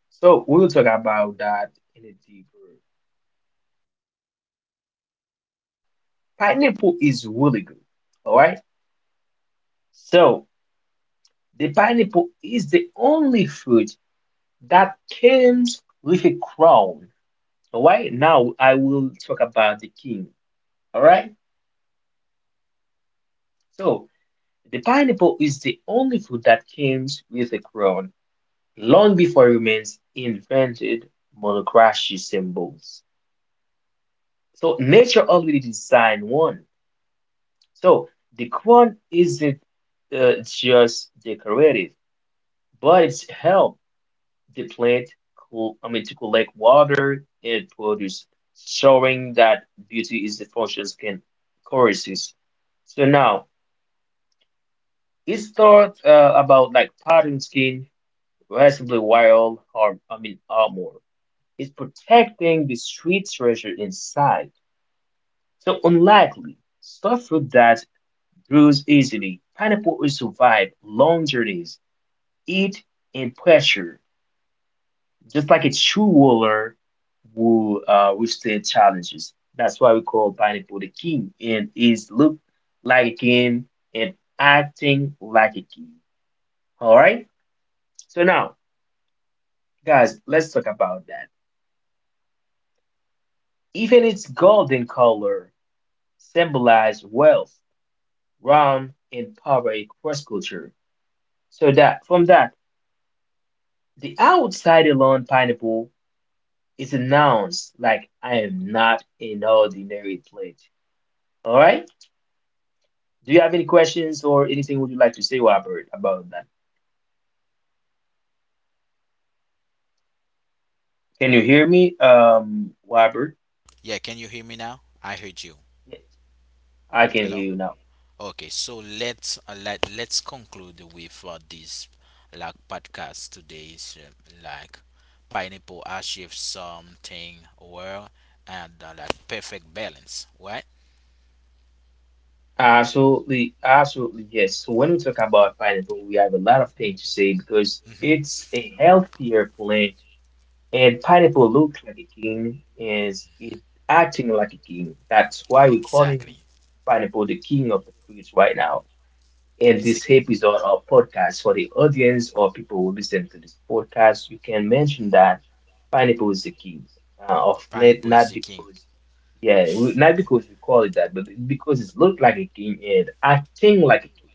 So we'll talk about that in a deeper. Pineapple is really good. All right. So the pineapple is the only fruit that comes with a crown. All right. Now I will talk about the king. All right. So the pineapple is the only fruit that comes with a crown long before humans invented monocracy symbols. So nature already designed one. So the crown isn't just decorative, but it's help. The plant cool. I mean to collect water and produce, showing that beauty is the function skin choruses. So now it's thought about like pattern skin, relatively wild or I mean armor. It's protecting the sweet treasure inside. So unlikely, stuff fruit that grows easily. Pineapple will survive long journeys, heat, and pressure. Just like a true warrior will withstand challenges. That's why we call pineapple the king, and is look like a king and acting like a king. All right. So now, guys, let's talk about that. Even its golden color symbolize wealth, round, and poverty cross culture. So that from that, the outside alone pineapple is announced like I am not an ordinary plant. All right. Do you have any questions or anything would you like to say, Robert, about that? Can you hear me, Robert? Yeah, can you hear me now? I heard you. Yes, I can hear Hello. you now. Okay, so let's let's conclude with this like podcast today's like pineapple achieves something well and like perfect balance, right? Absolutely, absolutely, yes. So when we talk about pineapple, we have a lot of things to say because it's a healthier plant, and pineapple looks like a king, is it acting like a king. That's why we're calling Exactly. pineapple the king of the fruits right now. In It's a this episode or podcast for the audience or people who listen to this podcast, you can mention that pineapple is the key of pineapple late, is the not king because, yeah, not because we call it that, but because it looked like a king and acting like a king.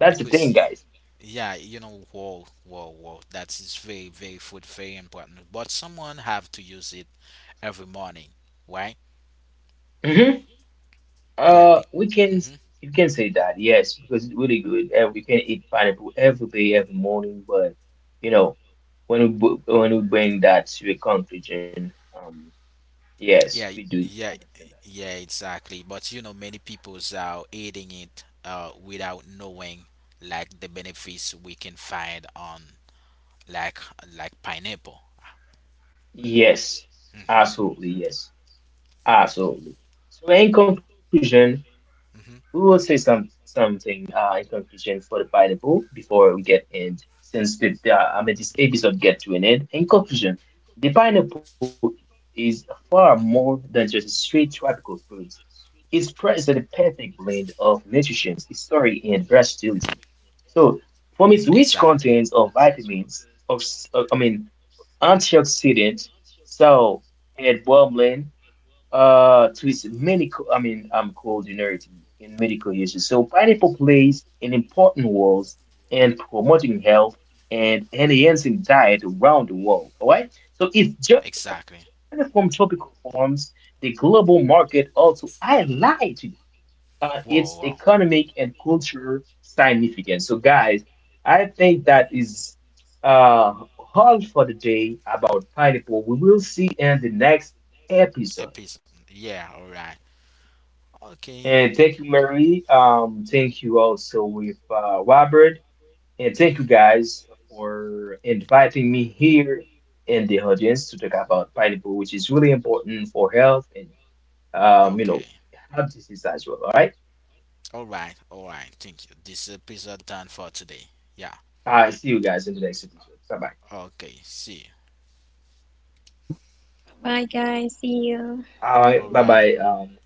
That's the because thing, guys. yeah, you know, whoa, whoa, whoa. That is very, very food, very important. But someone have to use it every morning, right? hmm Yeah, be. we can Mm-hmm. you can say that, yes, because it's really good. And we can eat pineapple every day, every morning, but you know, when we bring that to a conclusion, yes, Yeah, we do yeah, understand that. yeah, exactly. But you know, many people's are eating it without knowing like the benefits we can find on like like pineapple. Yes, absolutely. Yes, absolutely. So in conclusion, we will say Hmm. Something in conclusion for the Bible before we get end. Since I mean this episode get to an end. In conclusion, the pineapple is far more Hmm. than just a straight tropical fruit. It presents a perfect blend of nutrition, history, and versatility. So, from its rich Exactly, contents of vitamins, of I mean antioxidant, so it bubbling to its medical I mean coordinator in medical uses. So pineapple plays an important role in promoting health and enhancing diet around the world. All right. So its journey exactly. from tropical farms, the global market also highlighted its Whoa, wow. economic and cultural significance. So, guys, I think that is uh, all for today about pineapple. We will see in the next A episode. piece. Yeah, all right. Okay. And thank you, Marie. Thank you also with Robert, and thank you Hmm. guys for inviting me here in the audience to talk about pineapple, which is really important for health and you Okay. know, health disease as well. All right. All right, all right. Thank you. This episode done for today. Yeah. I see you guys in the next episode. Bye bye. Okay. See. You. Bye guys, see you. All All right. Bye right. bye.